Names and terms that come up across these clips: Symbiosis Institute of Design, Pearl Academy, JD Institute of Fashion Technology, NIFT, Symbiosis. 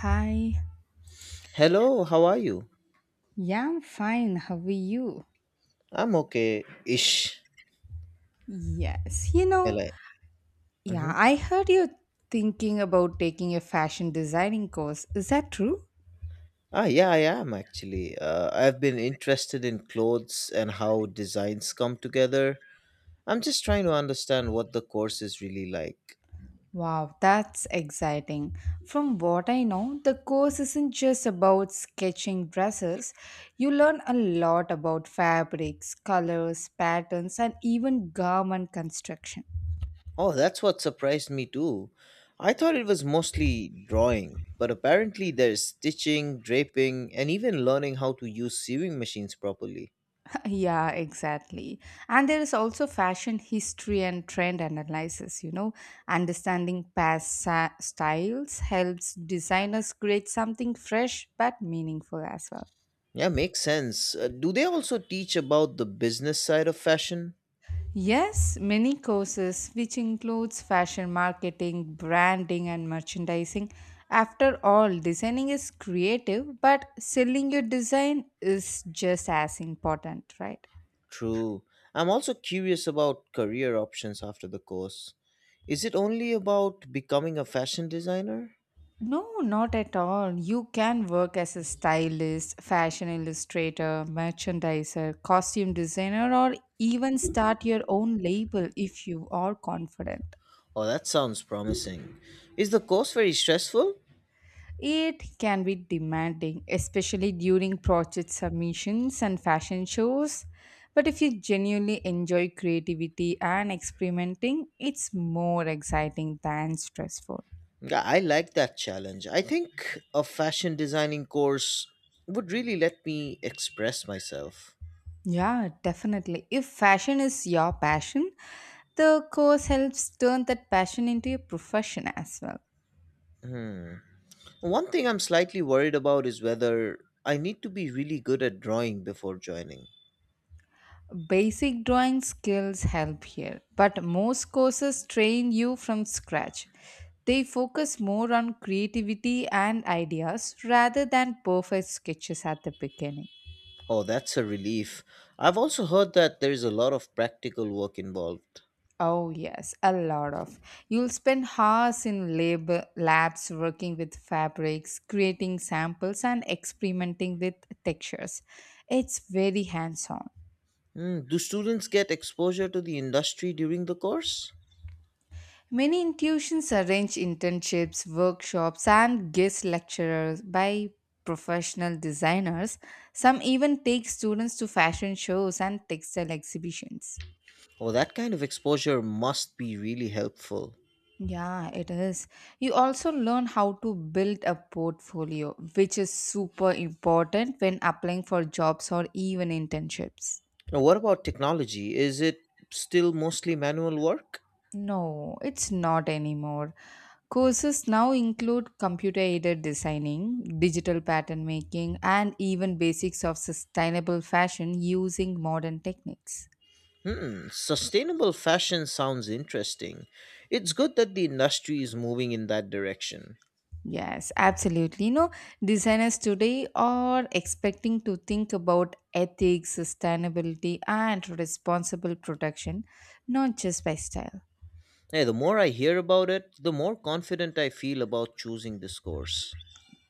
Hi. Hello, how are you? Yeah, I'm fine. How are you? I'm okay ish. Yes. Hello. hmm Yeah, I heard you're thinking about taking a fashion designing course. Is that true? yeah, I am actually. I've been interested in clothes and how designs come together. I'm just trying to understand what the course is really like. Wow, that's exciting. From what I know, the course isn't just about sketching dresses. You learn a lot about fabrics, colors, patterns, and even garment construction. Oh, that's what surprised me too. I thought it was mostly drawing, but apparently there's stitching, draping, and even learning how to use sewing machines properly. Yeah, exactly. And there is also fashion history and trend analysis. Understanding styles helps designers create something fresh but meaningful as well. Yeah, makes sense. Do they also teach about the business side of fashion? Yes, many courses which includes fashion marketing, branding and merchandising. After all, designing is creative, but selling your design is just as important, right? True. I'm also curious about career options after the course. Is it only about becoming a fashion designer? No, not at all. You can work as a stylist, fashion illustrator, merchandiser, costume designer, or even start your own label if you are confident. Oh, that sounds promising. Is the course very stressful? It can be demanding, especially during project submissions and fashion shows. But if you genuinely enjoy creativity and experimenting, it's more exciting than stressful. Yeah, I like that challenge. I think a fashion designing course would really let me express myself. Yeah, definitely. If fashion is your passion, the course helps turn that passion into a profession as well. Hmm. One thing I'm slightly worried about is whether I need to be really good at drawing before joining. Basic drawing skills help here, but most courses train you from scratch. They focus more on creativity and ideas rather than perfect sketches at the beginning. Oh, that's a relief. I've also heard that there's a lot of practical work involved. Oh, yes, a lot of. You'll spend hours labs working with fabrics, creating samples, and experimenting with textures. It's very hands on. Do students get exposure to the industry during the course? Many institutions arrange internships, workshops, and guest lectures by professional designers. Some even take students to fashion shows and textile exhibitions. Oh, that kind of exposure must be really helpful. Yeah, it is. You also learn how to build a portfolio, which is super important when applying for jobs or even internships. Now, what about technology? Is it still mostly manual work? No, it's not anymore. Courses now include computer aided designing, digital pattern making, and even basics of sustainable fashion using modern techniques. Hmm, sustainable fashion sounds interesting. It's good that the industry is moving in that direction. Yes, absolutely. Designers today are expecting to think about ethics, sustainability, and responsible production, not just by style. Hey, the more I hear about it, the more confident I feel about choosing this course.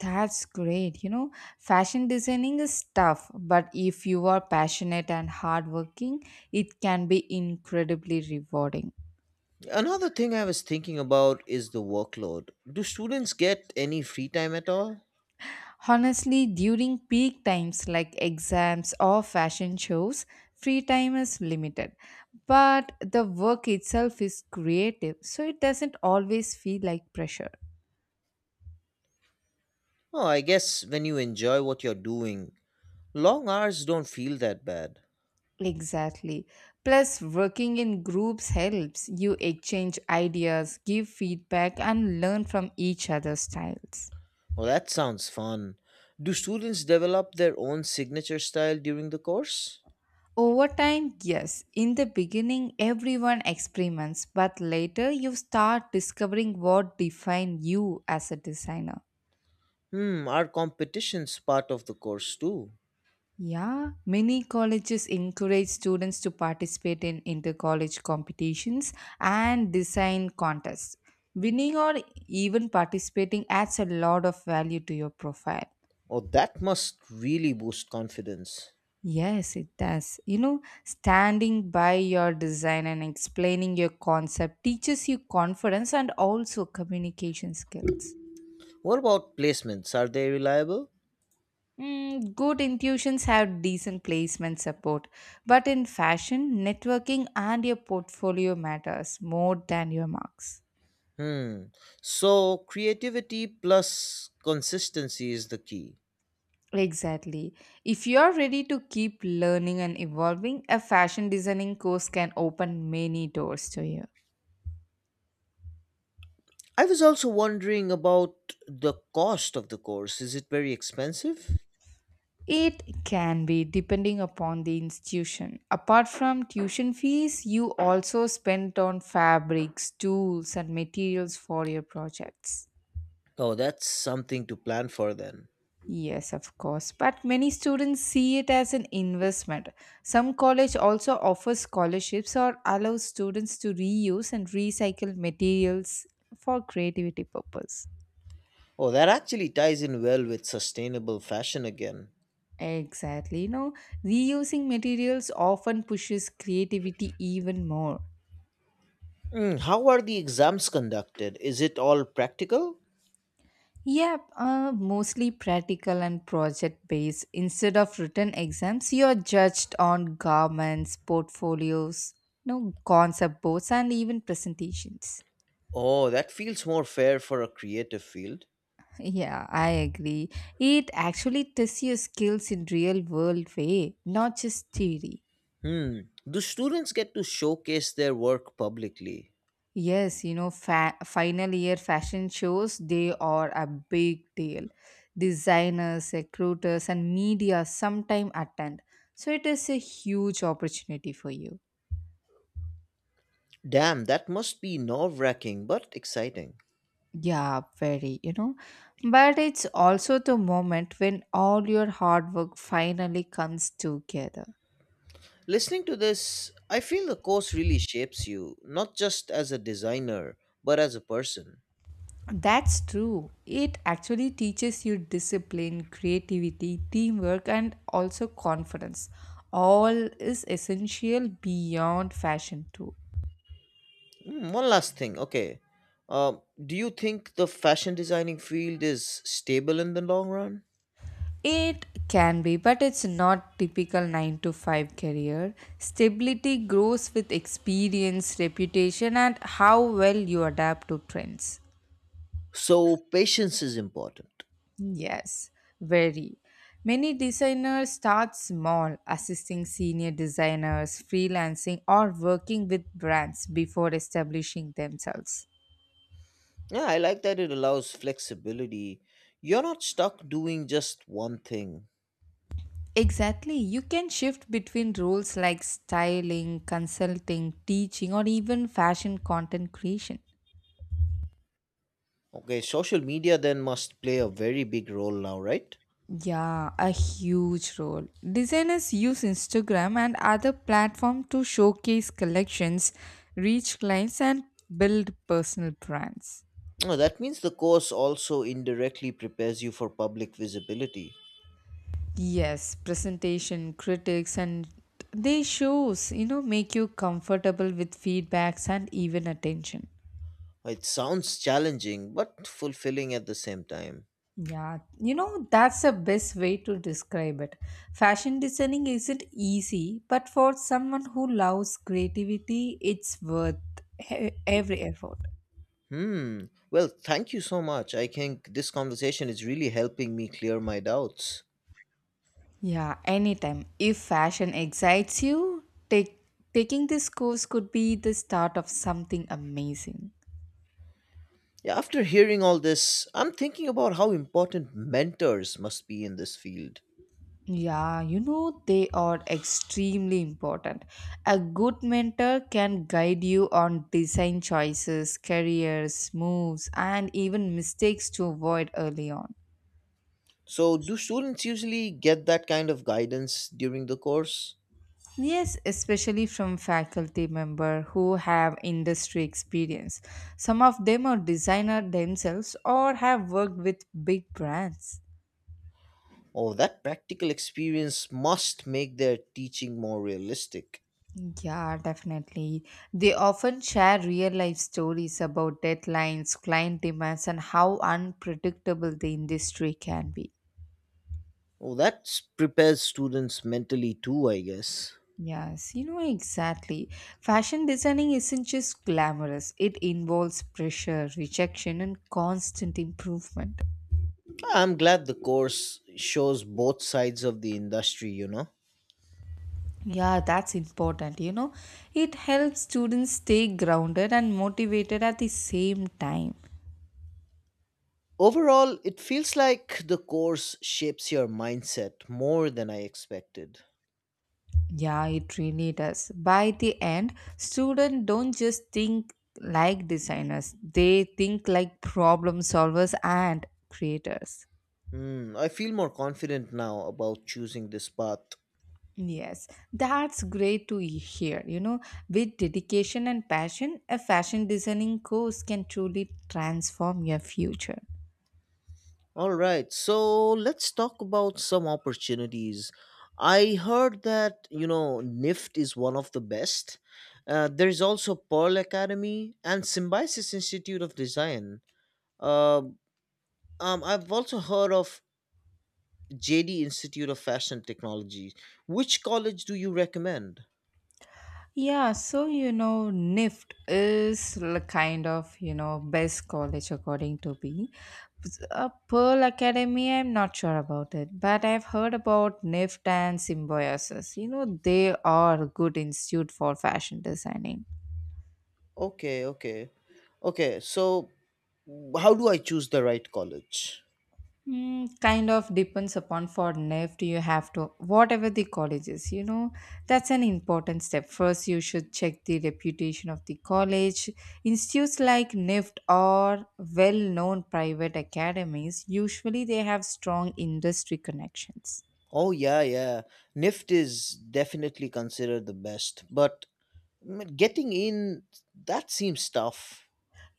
That's great. Fashion designing is tough, but if you are passionate and hardworking, it can be incredibly rewarding. Another thing I was thinking about is the workload. Do students get any free time at all? Honestly, during peak times like exams or fashion shows, free time is limited. But the work itself is creative, so it doesn't always feel like pressure. Oh, I guess when you enjoy what you're doing, long hours don't feel that bad. Exactly. Plus, working in groups helps. You exchange ideas, give feedback, and learn from each other's styles. Oh, that sounds fun. Do students develop their own signature style during the course? Over time, yes, in the beginning, everyone experiments, but later you start discovering what defines you as a designer. Hmm, are competitions part of the course too? Yeah, many colleges encourage students to participate in inter-college competitions and design contests. Winning or even participating adds a lot of value to your profile. Oh, that must really boost confidence. Yes, it does. Standing by your design and explaining your concept teaches you confidence and also communication skills. What about placements? Are they reliable? Mm, good intuitions have decent placement support, but in fashion, networking and your portfolio matters more than your marks. Hmm, so creativity plus consistency is the key. Exactly. If you are ready to keep learning and evolving, a fashion designing course can open many doors to you. I was also wondering about the cost of the course. Is it very expensive? It can be depending upon the institution. Apart from tuition fees, you also spend on fabrics, tools, and materials for your projects. Oh, that's something to plan for then. Yes, of course. But many students see it as an investment. Some college also offers scholarships or allows students to reuse and recycle materials for creativity purpose. Oh, that actually ties in well with sustainable fashion again. Exactly. Reusing materials often pushes creativity even more. How are the exams conducted? Is it all practical? Yeah, mostly practical and project based. Instead of written exams, you are judged on garments, portfolios, no concept boards, and even presentations. Oh, that feels more fair for a creative field. Yeah, I agree. It actually tests your skills in real world way, not just theory. Hmm. Do students get to showcase their work publicly? Yes, final year fashion shows, they are a big deal. Designers, recruiters, and media sometime attend. So it is a huge opportunity for you. Damn, that must be nerve wracking but exciting. Yeah, very. But it's also the moment when all your hard work finally comes together. Listening to this, I feel the course really shapes you, not just as a designer, but as a person. That's true. It actually teaches you discipline, creativity, teamwork, and also confidence. All is essential beyond fashion, too. Mm, one last thing, okay. Uh, do you think the fashion designing field is stable in the long run? It can be, but it's not typical 9 to 5 career. Stability grows with experience, reputation, and how well you adapt to trends. So patience is important. Yes, very. Many designers start small, assisting senior designers, freelancing, or working with brands before establishing themselves. Yeah, I like that it allows flexibility. You're not stuck doing just one thing. Exactly. You can shift between roles like styling, consulting, teaching, or even fashion content creation. Okay, social media then must play a very big role now, right? Yeah, a huge role. Designers use Instagram and other platforms to showcase collections, reach clients, and build personal brands. Oh, that means the course also indirectly prepares you for public visibility. Yes, presentation, critics, and they shows, make you comfortable with feedbacks and even attention. Well, it sounds challenging but fulfilling at the same time. Yeah, that's the best way to describe it. Fashion designing isn't easy, but for someone who loves creativity, it's worth every effort. Hmm. Well, thank you so much. I think this conversation is really helping me clear my doubts. Yeah, anytime. If fashion excites you, take, taking this course could be the start of something amazing. Yeah, after hearing all this, I'm thinking about how important mentors must be in this field. Yeah, they are extremely important. A good mentor can guide you on design choices, careers, moves, and even mistakes to avoid early on. So, do students usually get that kind of guidance during the course? Yes, especially from faculty member who have industry experience. Some of them are designer themselves or have worked with big brands. Oh, that practical experience must make their teaching more realistic. Yeah, definitely. They often share real life stories about deadlines, client demands, and how unpredictable the industry can be. Oh, that prepares students mentally too, I guess. Yes, exactly. Fashion designing isn't just glamorous, it involves pressure, rejection, and constant improvement. I'm glad the course shows both sides of the industry, you know. Yeah, that's important. It helps students stay grounded and motivated at the same time. Overall, it feels like the course shapes your mindset more than I expected. Yeah, it really does. By the end, students don't just think like designers, they think like problem solvers and creators. Hmm, I feel more confident now about choosing this path. Yes, that's great to hear. With dedication and passion, a fashion designing course can truly transform your future. All right, so let's talk about some opportunities. I heard that, you know, NIFT is one of the best. There's also Pearl Academy and Symbiosis Institute of Design. Uh, I've also heard of JD Institute of Fashion Technology. Which college do you recommend? Yeah, so NIFT is kind of best college according to me. Pearl Academy, I'm not sure about it, but I've heard about NIFT and Symbiosis. You know, they are good institute for fashion designing. Okay, okay. Okay, so how do I choose the right college? Mm, kind of depends upon for NEFT you have to whatever the college is you know that's an important step first you should check the reputation of the college institutes like NEFT or well-known private academies usually they have strong industry connections. Oh yeah, yeah. NIFT is definitely considered the best, but getting in that seems tough.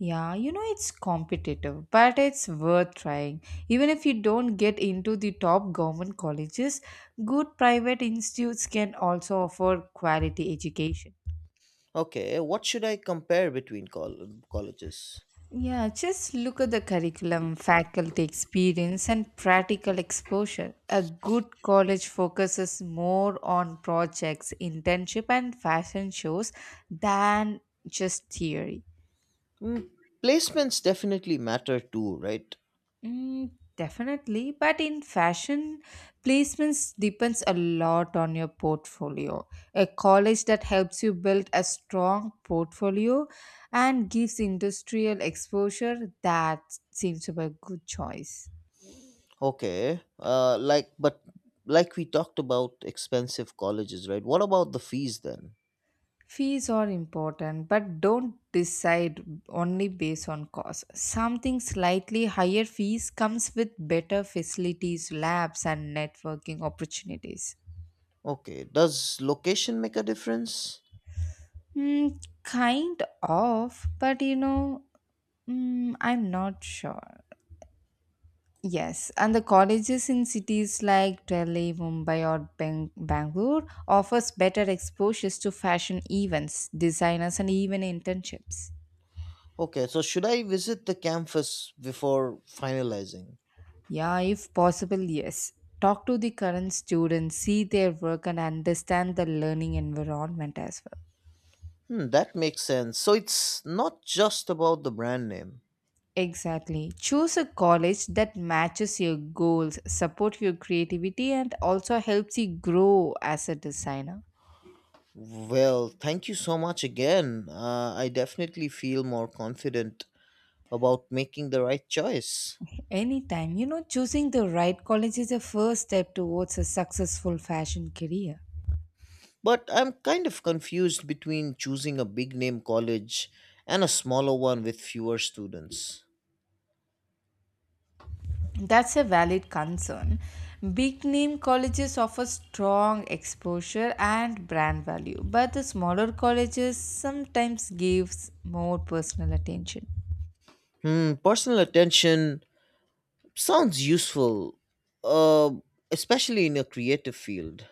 Yeah, it's competitive but it's worth trying even if you don't get into the top government colleges. Good private institutes can also offer quality education. Okay, what should I compare between colleges? Yeah, just look at the curriculum, faculty experience, and practical exposure. A good college focuses more on projects, internship, and fashion shows than just theory. Mm, Placements definitely matter too, right? Mm, definitely, but in fashion, placements depends a lot on your portfolio. A college that helps you build a strong portfolio and gives industrial exposure that seems to be a good choice. Okay. Like we talked about expensive colleges, right? What about the fees then? Fees are important, but don't decide only based on cost. Something slightly higher fees comes with better facilities, labs, and networking opportunities. Okay. Does location make a difference? Mm, kind of, but you know, mm, I'm not sure. Yes, and the colleges in cities like Delhi, Mumbai, or Bangalore offers better exposures to fashion events, designers, and even internships. Okay. So should I visit the campus before finalizing? Yeah, if possible, yes. Talk to the current students, see their work, and understand the learning environment as well. Hmm, that makes sense. So it's not just about the brand name. Exactly. Choose a college that matches your goals, support your creativity, and also helps you grow as a designer. Well, thank you so much again. I definitely feel more confident about making the right choice. Anytime, choosing the right college is the first step towards a successful fashion career. But I'm kind of confused between choosing a big name college and a smaller one with fewer students. That's a valid concern. Big name colleges offer strong exposure and brand value, but the smaller colleges sometimes gives more personal attention. Hmm, personal attention sounds useful, uh, especially in a creative field.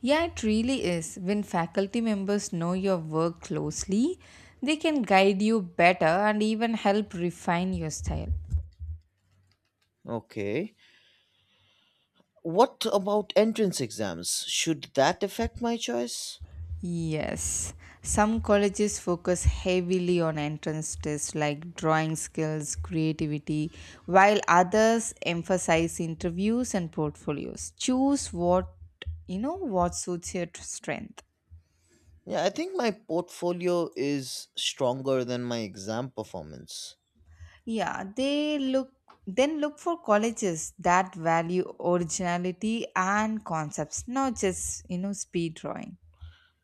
Yeah, it really is. When faculty members know your work closely, they can guide you better and even help refine your style. Okay. What about entrance exams? Should that affect my choice? Yes, some colleges focus heavily on entrance tests like drawing skills, creativity, while others emphasize interviews and portfolios. Choose what suits your strength. Yeah, I think my portfolio is stronger than my exam performance. Yeah, they look then look for colleges that value originality and concepts, not just speed drawing.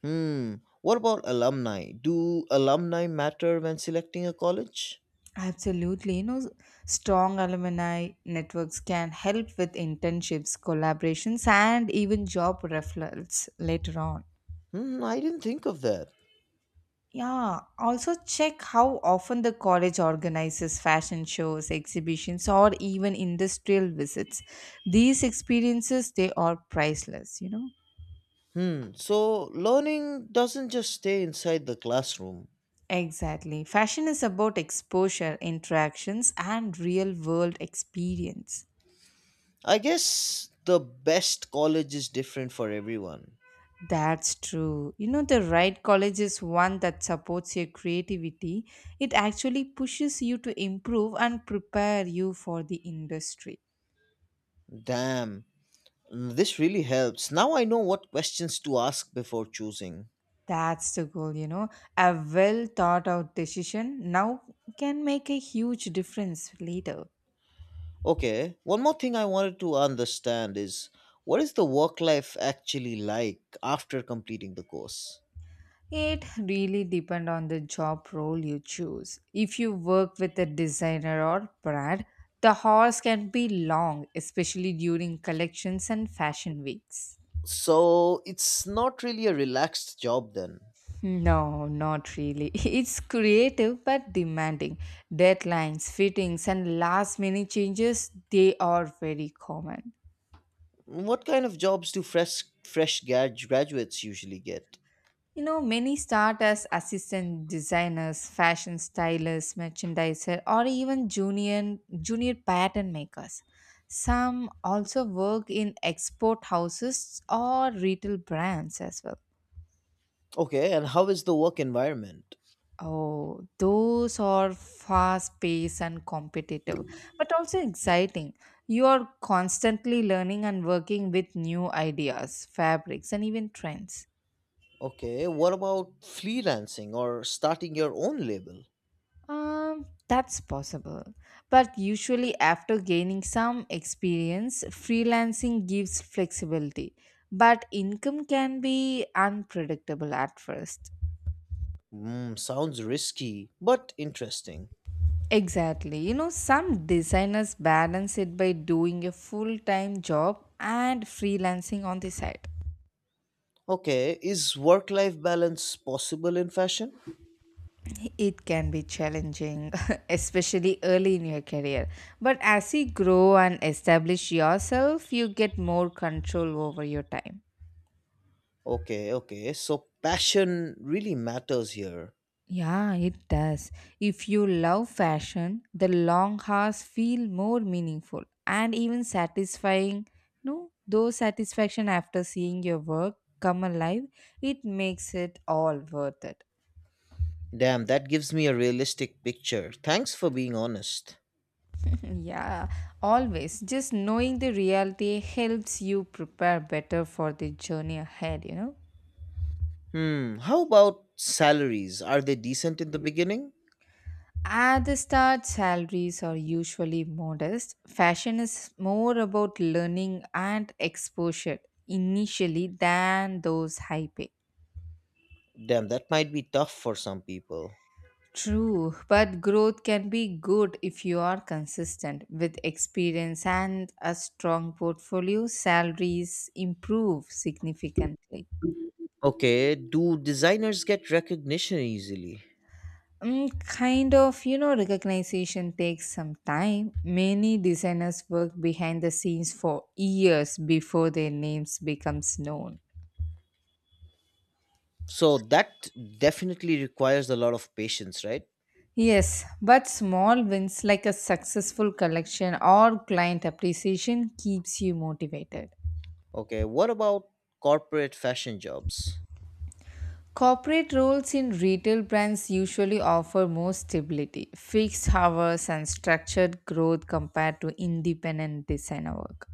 Hmm. What about alumni? Do alumni matter when selecting a college? Absolutely. Strong alumni networks can help with internships, collaborations, and even job referrals later on. Hmm, I didn't think of that. Yeah, also check how often the college organizes fashion shows, exhibitions, or even industrial visits. These experiences, they are priceless. Hmm, so learning doesn't just stay inside the classroom. Exactly. Fashion is about exposure, interactions, and real world experience. I guess the best college is different for everyone. That's true. The right college is one that supports your creativity. It actually pushes you to improve and prepare you for the industry. Damn, this really helps. Now I know what questions to ask before choosing. That's the goal. A well thought out decision now can make a huge difference later. Okay, one more thing I wanted to understand is what is the work life actually like after completing the course? It really depends on the job role you choose. If you work with a designer or brand, the hours can be long, especially during collections and fashion weeks. So it's not really a relaxed job then. No, not really. It's creative but demanding. Deadlines, fittings, and last minute changes, they are very common. What kind of jobs do graduates usually get? Many start as assistant designers, fashion stylists, merchandiser, or even junior pattern makers. Some also work in export houses or retail brands as well. Okay, and how is the work environment? Oh, those are fast paced and competitive, but also exciting. You are constantly learning and working with new ideas, fabrics, and even trends. Okay, what about freelancing or starting your own label? That's possible. But usually, after gaining some experience, freelancing gives flexibility, but income can be unpredictable at first. Hmm, sounds risky, but interesting. Exactly. Some designers balance it by doing a full time job and freelancing on the side. Okay, is work life balance possible in fashion? It can be challenging, especially early in your career. But as you grow and establish yourself, you get more control over your time. Okay, okay, so passion really matters here. Yeah, it does. If you love fashion, the long hours feel more meaningful and even satisfying. No, though satisfaction after seeing your work come alive, it makes it all worth it. Damn, that gives me a realistic picture. Thanks for being honest. Yeah, always. Just knowing the reality helps you prepare better for the journey ahead, you know? Hmm, how about salaries? Are they decent in the beginning? At the start, salaries are usually modest. Fashion is more about learning and exposure initially than those high pay. Damn, that might be tough for some people. True, but growth can be good if you are consistent. With experience and a strong portfolio, salaries improve significantly. Okay, do designers get recognition easily? Kind of, you know, recognition takes some time. Many designers work behind the scenes for years before their names becomes known. So that definitely requires a lot of patience, right? Yes, but small wins like a successful collection or client appreciation keeps you motivated. Okay, what about corporate fashion jobs? Corporate roles in retail brands usually offer more stability, fixed hours and structured growth compared to independent designer work.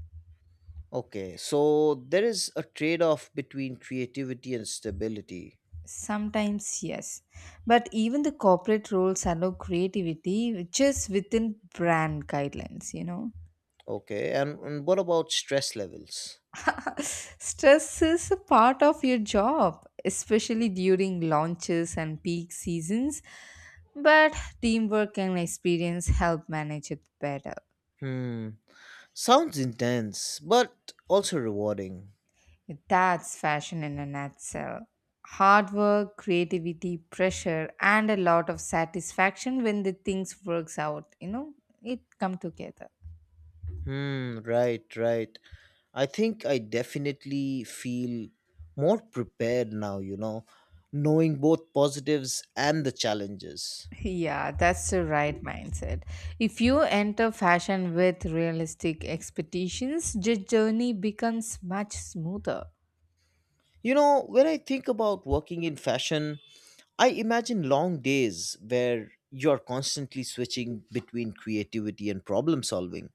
Okay, so there is a trade off between creativity and stability. Sometimes, yes. But even the corporate roles allow creativity, which is within brand guidelines, you know. Okay, and what about stress levels? Stress is a part of your job, especially during launches and peak seasons. But teamwork and experience help manage it better. Hmm, sounds intense, but also rewarding. That's fashion in a nutshell. Hard work, creativity, pressure, and a lot of satisfaction when the things works out, you know, it come together. Hmm, right, right. I think I definitely feel more prepared now, you know, knowing both positives and the challenges. Yeah, that's the right mindset. If you enter fashion with realistic expectations, the journey becomes much smoother. You know, when I think about working in fashion, I imagine long days where you're constantly switching between creativity and problem solving.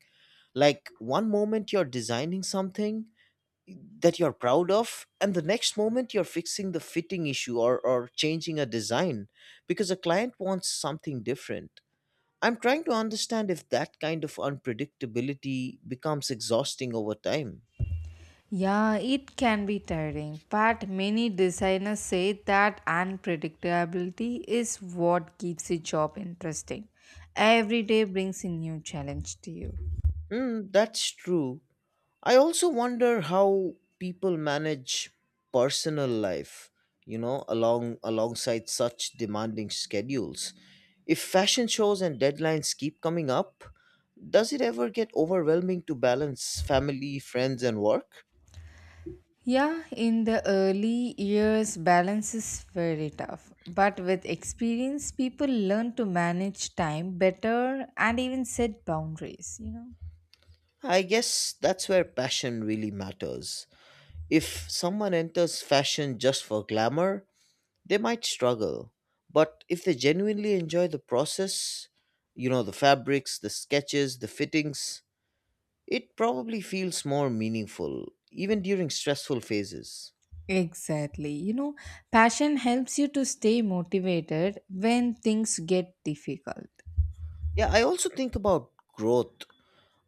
Like one moment you're designing something that you're proud of, and the next moment you're fixing the fitting issue or changing a design because a client wants something different. I'm trying to understand if that kind of unpredictability becomes exhausting over time. Yeah, it can be tiring, but many designers say that unpredictability is what keeps the job interesting. Every day brings a new challenge to you. Hmm, that's true. I also wonder how people manage personal life, you know, alongside such demanding schedules. If fashion shows and deadlines keep coming up, does it ever get overwhelming to balance family, friends and work? Yeah, in the early years, balance is very tough. But with experience, people learn to manage time better and even set boundaries, you know. I guess that's where passion really matters. If someone enters fashion just for glamour, they might struggle, but if they genuinely enjoy the process, you know, the fabrics, the sketches, the fittings, it probably feels more meaningful even during stressful phases. Exactly. You know, passion helps you to stay motivated when things get difficult. Yeah, I also think about growth.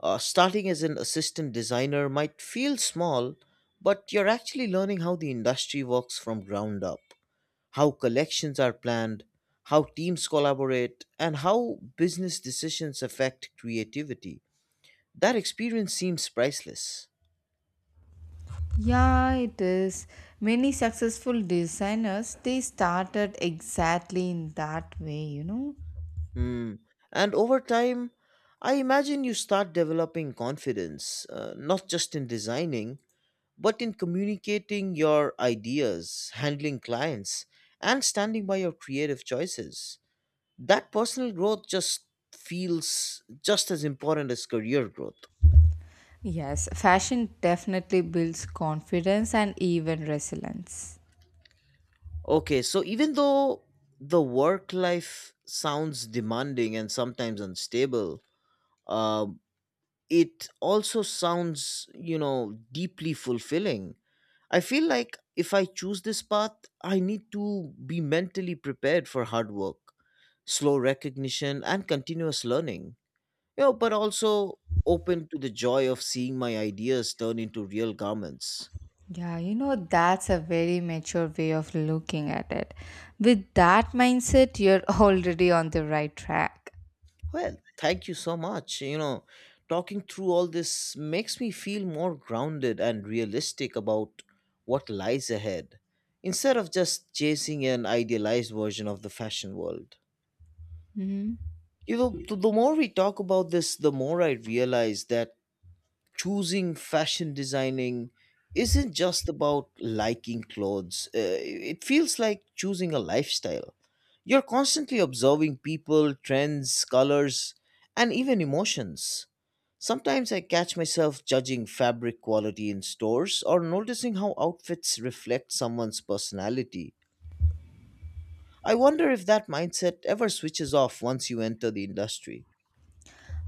Starting as an assistant designer might feel small, but you're actually learning how the industry works from ground up, how collections are planned, how teams collaborate, and how business decisions affect creativity. That experience seems priceless. Yeah, it is. Many successful designers they started exactly in that way, you know. Hmm. And over time, I imagine you start developing confidence, not just in designing, but in communicating your ideas, handling clients, and standing by your creative choices. That personal growth just feels just as important as career growth. Yes, fashion definitely builds confidence and even resilience. Okay, so even though the work life sounds demanding and sometimes unstable, uh, it also sounds, you know, deeply fulfilling. I feel like if I choose this path, I need to be mentally prepared for hard work, slow recognition, and continuous learning. You know, but also open to the joy of seeing my ideas turn into real garments. Yeah, you know, that's a very mature way of looking at it. With that mindset, you're already on the right track. Well, thank you so much. You know, talking through all this makes me feel more grounded and realistic about what lies ahead instead of just chasing an idealized version of the fashion world. Mhm. You know, the more we talk about this, the more I realize that choosing fashion designing isn't just about liking clothes. It feels like choosing a lifestyle. You're constantly observing people, trends, colors, and even emotions. Sometimes I catch myself judging fabric quality in stores or noticing how outfits reflect someone's personality. I wonder if that mindset ever switches off once you enter the industry.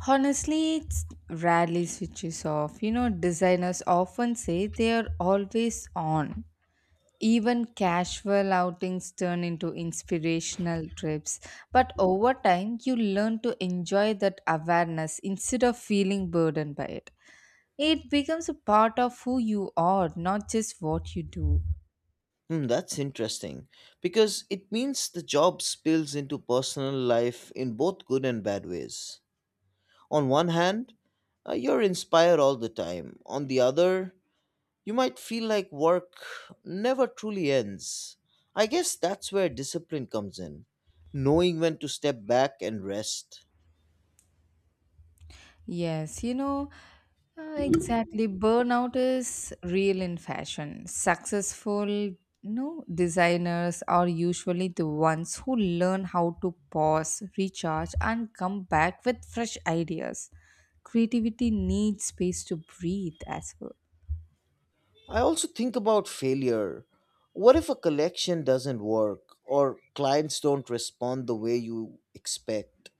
Honestly, it's rarely switches off. You know, designers often say they are always on. Even casual outings turn into inspirational trips. But over time, you learn to enjoy that awareness instead of feeling burdened by it. It becomes a part of who you are, not just what you do. Hmm, that's interesting because it means the job spills into personal life in both good and bad ways. On one hand, you're inspired all the time. On the other, you might feel like work never truly ends. I guess that's where discipline comes in, knowing when to step back and rest. Yes, you know, exactly. Burnout is real in fashion. Successful, you know, designers are usually the ones who learn how to pause, recharge, and come back with fresh ideas. Creativity needs space to breathe as well. I also think about failure. What if a collection doesn't work or clients don't respond the way you expect?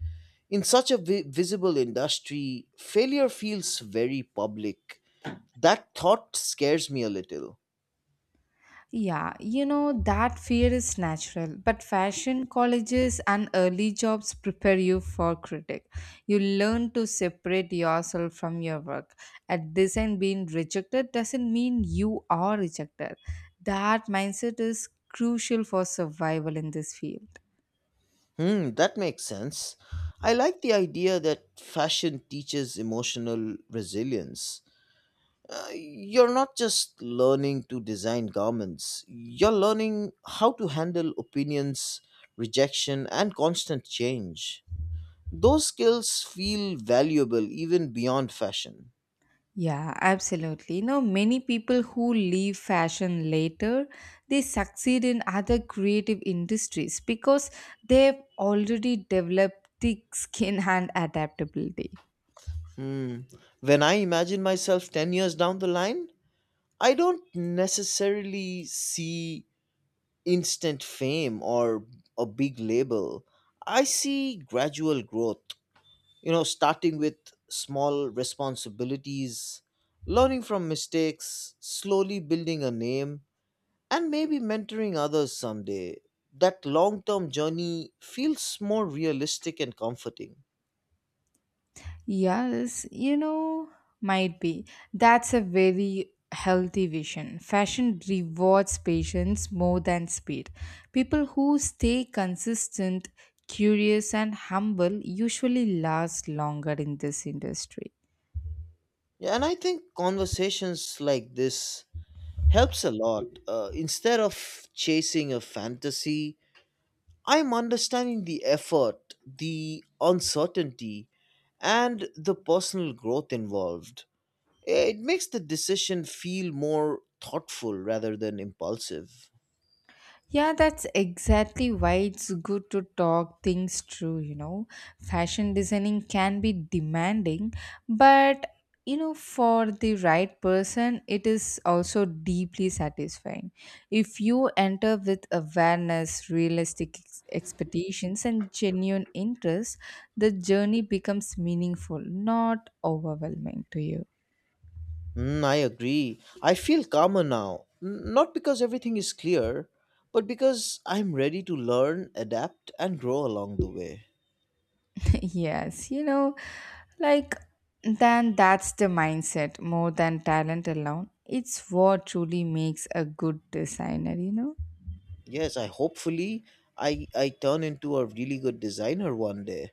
In such a visible industry, failure feels very public. That thought scares me a little. Yeah, you know, that fear is natural, but fashion colleges and early jobs prepare you for critic. You learn to separate yourself from your work. At this end, being rejected doesn't mean you are rejected. That mindset is crucial for survival in this field. Hmm, that makes sense. I like the idea that fashion teaches emotional resilience. You're not just learning to design garments, you're learning how to handle opinions, rejection, and constant change. Those skills feel valuable even beyond fashion. Yeah, absolutely. You know, many people who leave fashion later, they succeed in other creative industries because they've already developed thick skin and adaptability. Hmm. When I imagine myself 10 years down the line, I don't necessarily see instant fame or a big label. I see gradual growth, you know, starting with small responsibilities, learning from mistakes, slowly building a name, and maybe mentoring others someday. That long term journey feels more realistic and comforting. Yes, you know, might be. That's a very healthy vision. Fashion rewards patience more than speed. People who stay consistent, curious, and humble usually last longer in this industry. Yeah, and I think conversations like this helps a lot. Instead of chasing a fantasy, I'm understanding the effort, the uncertainty, and the personal growth involved. It makes the decision feel more thoughtful rather than impulsive. Yeah, that's exactly why it's good to talk things through, you know. Fashion designing can be demanding, but you know, for the right person, it is also deeply satisfying. If you enter with awareness, realistic expectations, and genuine interest, the journey becomes meaningful, not overwhelming to you. Mm, I agree. I feel calmer now, not because everything is clear, but because I'm ready to learn, adapt, and grow along the way. Yes, you know, like then that's the mindset more than talent alone. It's what truly makes a good designer, you know. Yes, I hopefully I turn into a really good designer one day.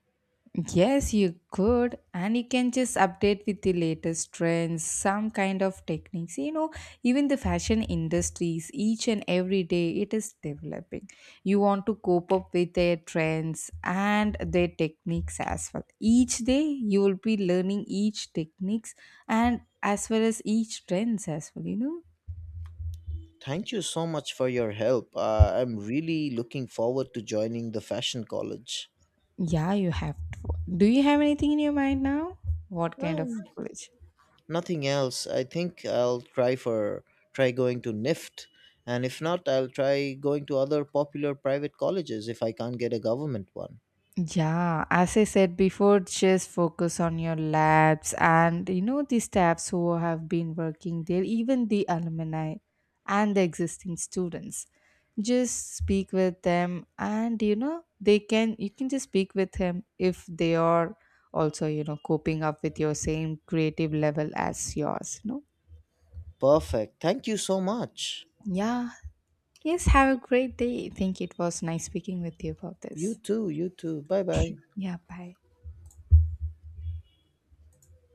Yes, you could, and you can just update with the latest trends, some kind of techniques. You know, even the fashion industries, each and every day, it is developing. You want to cope up with their trends and their techniques as well. Each day, you will be learning each techniques and as well as each trends as well. You know, Thank you so much for your help. I'm really looking forward to joining the fashion college. yeah, you have to. Do you have anything in your mind now? What kind of Um, college? nothing else. I think I'll try for try going to NIFT, and if not, I'll try going to other popular private colleges if I can't get a government one. Yeah, as I said before, just focus on your labs and you know the staffs who have been working there, even the alumni and the existing students. Just speak with them and you know they can you can just speak with him if they are also, you know, coping up with your same creative level as yours, no, Perfect. Thank you so much. yeah. Yes, have a great day. I think it was nice speaking with you about You this. too. You too. Bye bye. Yeah, bye.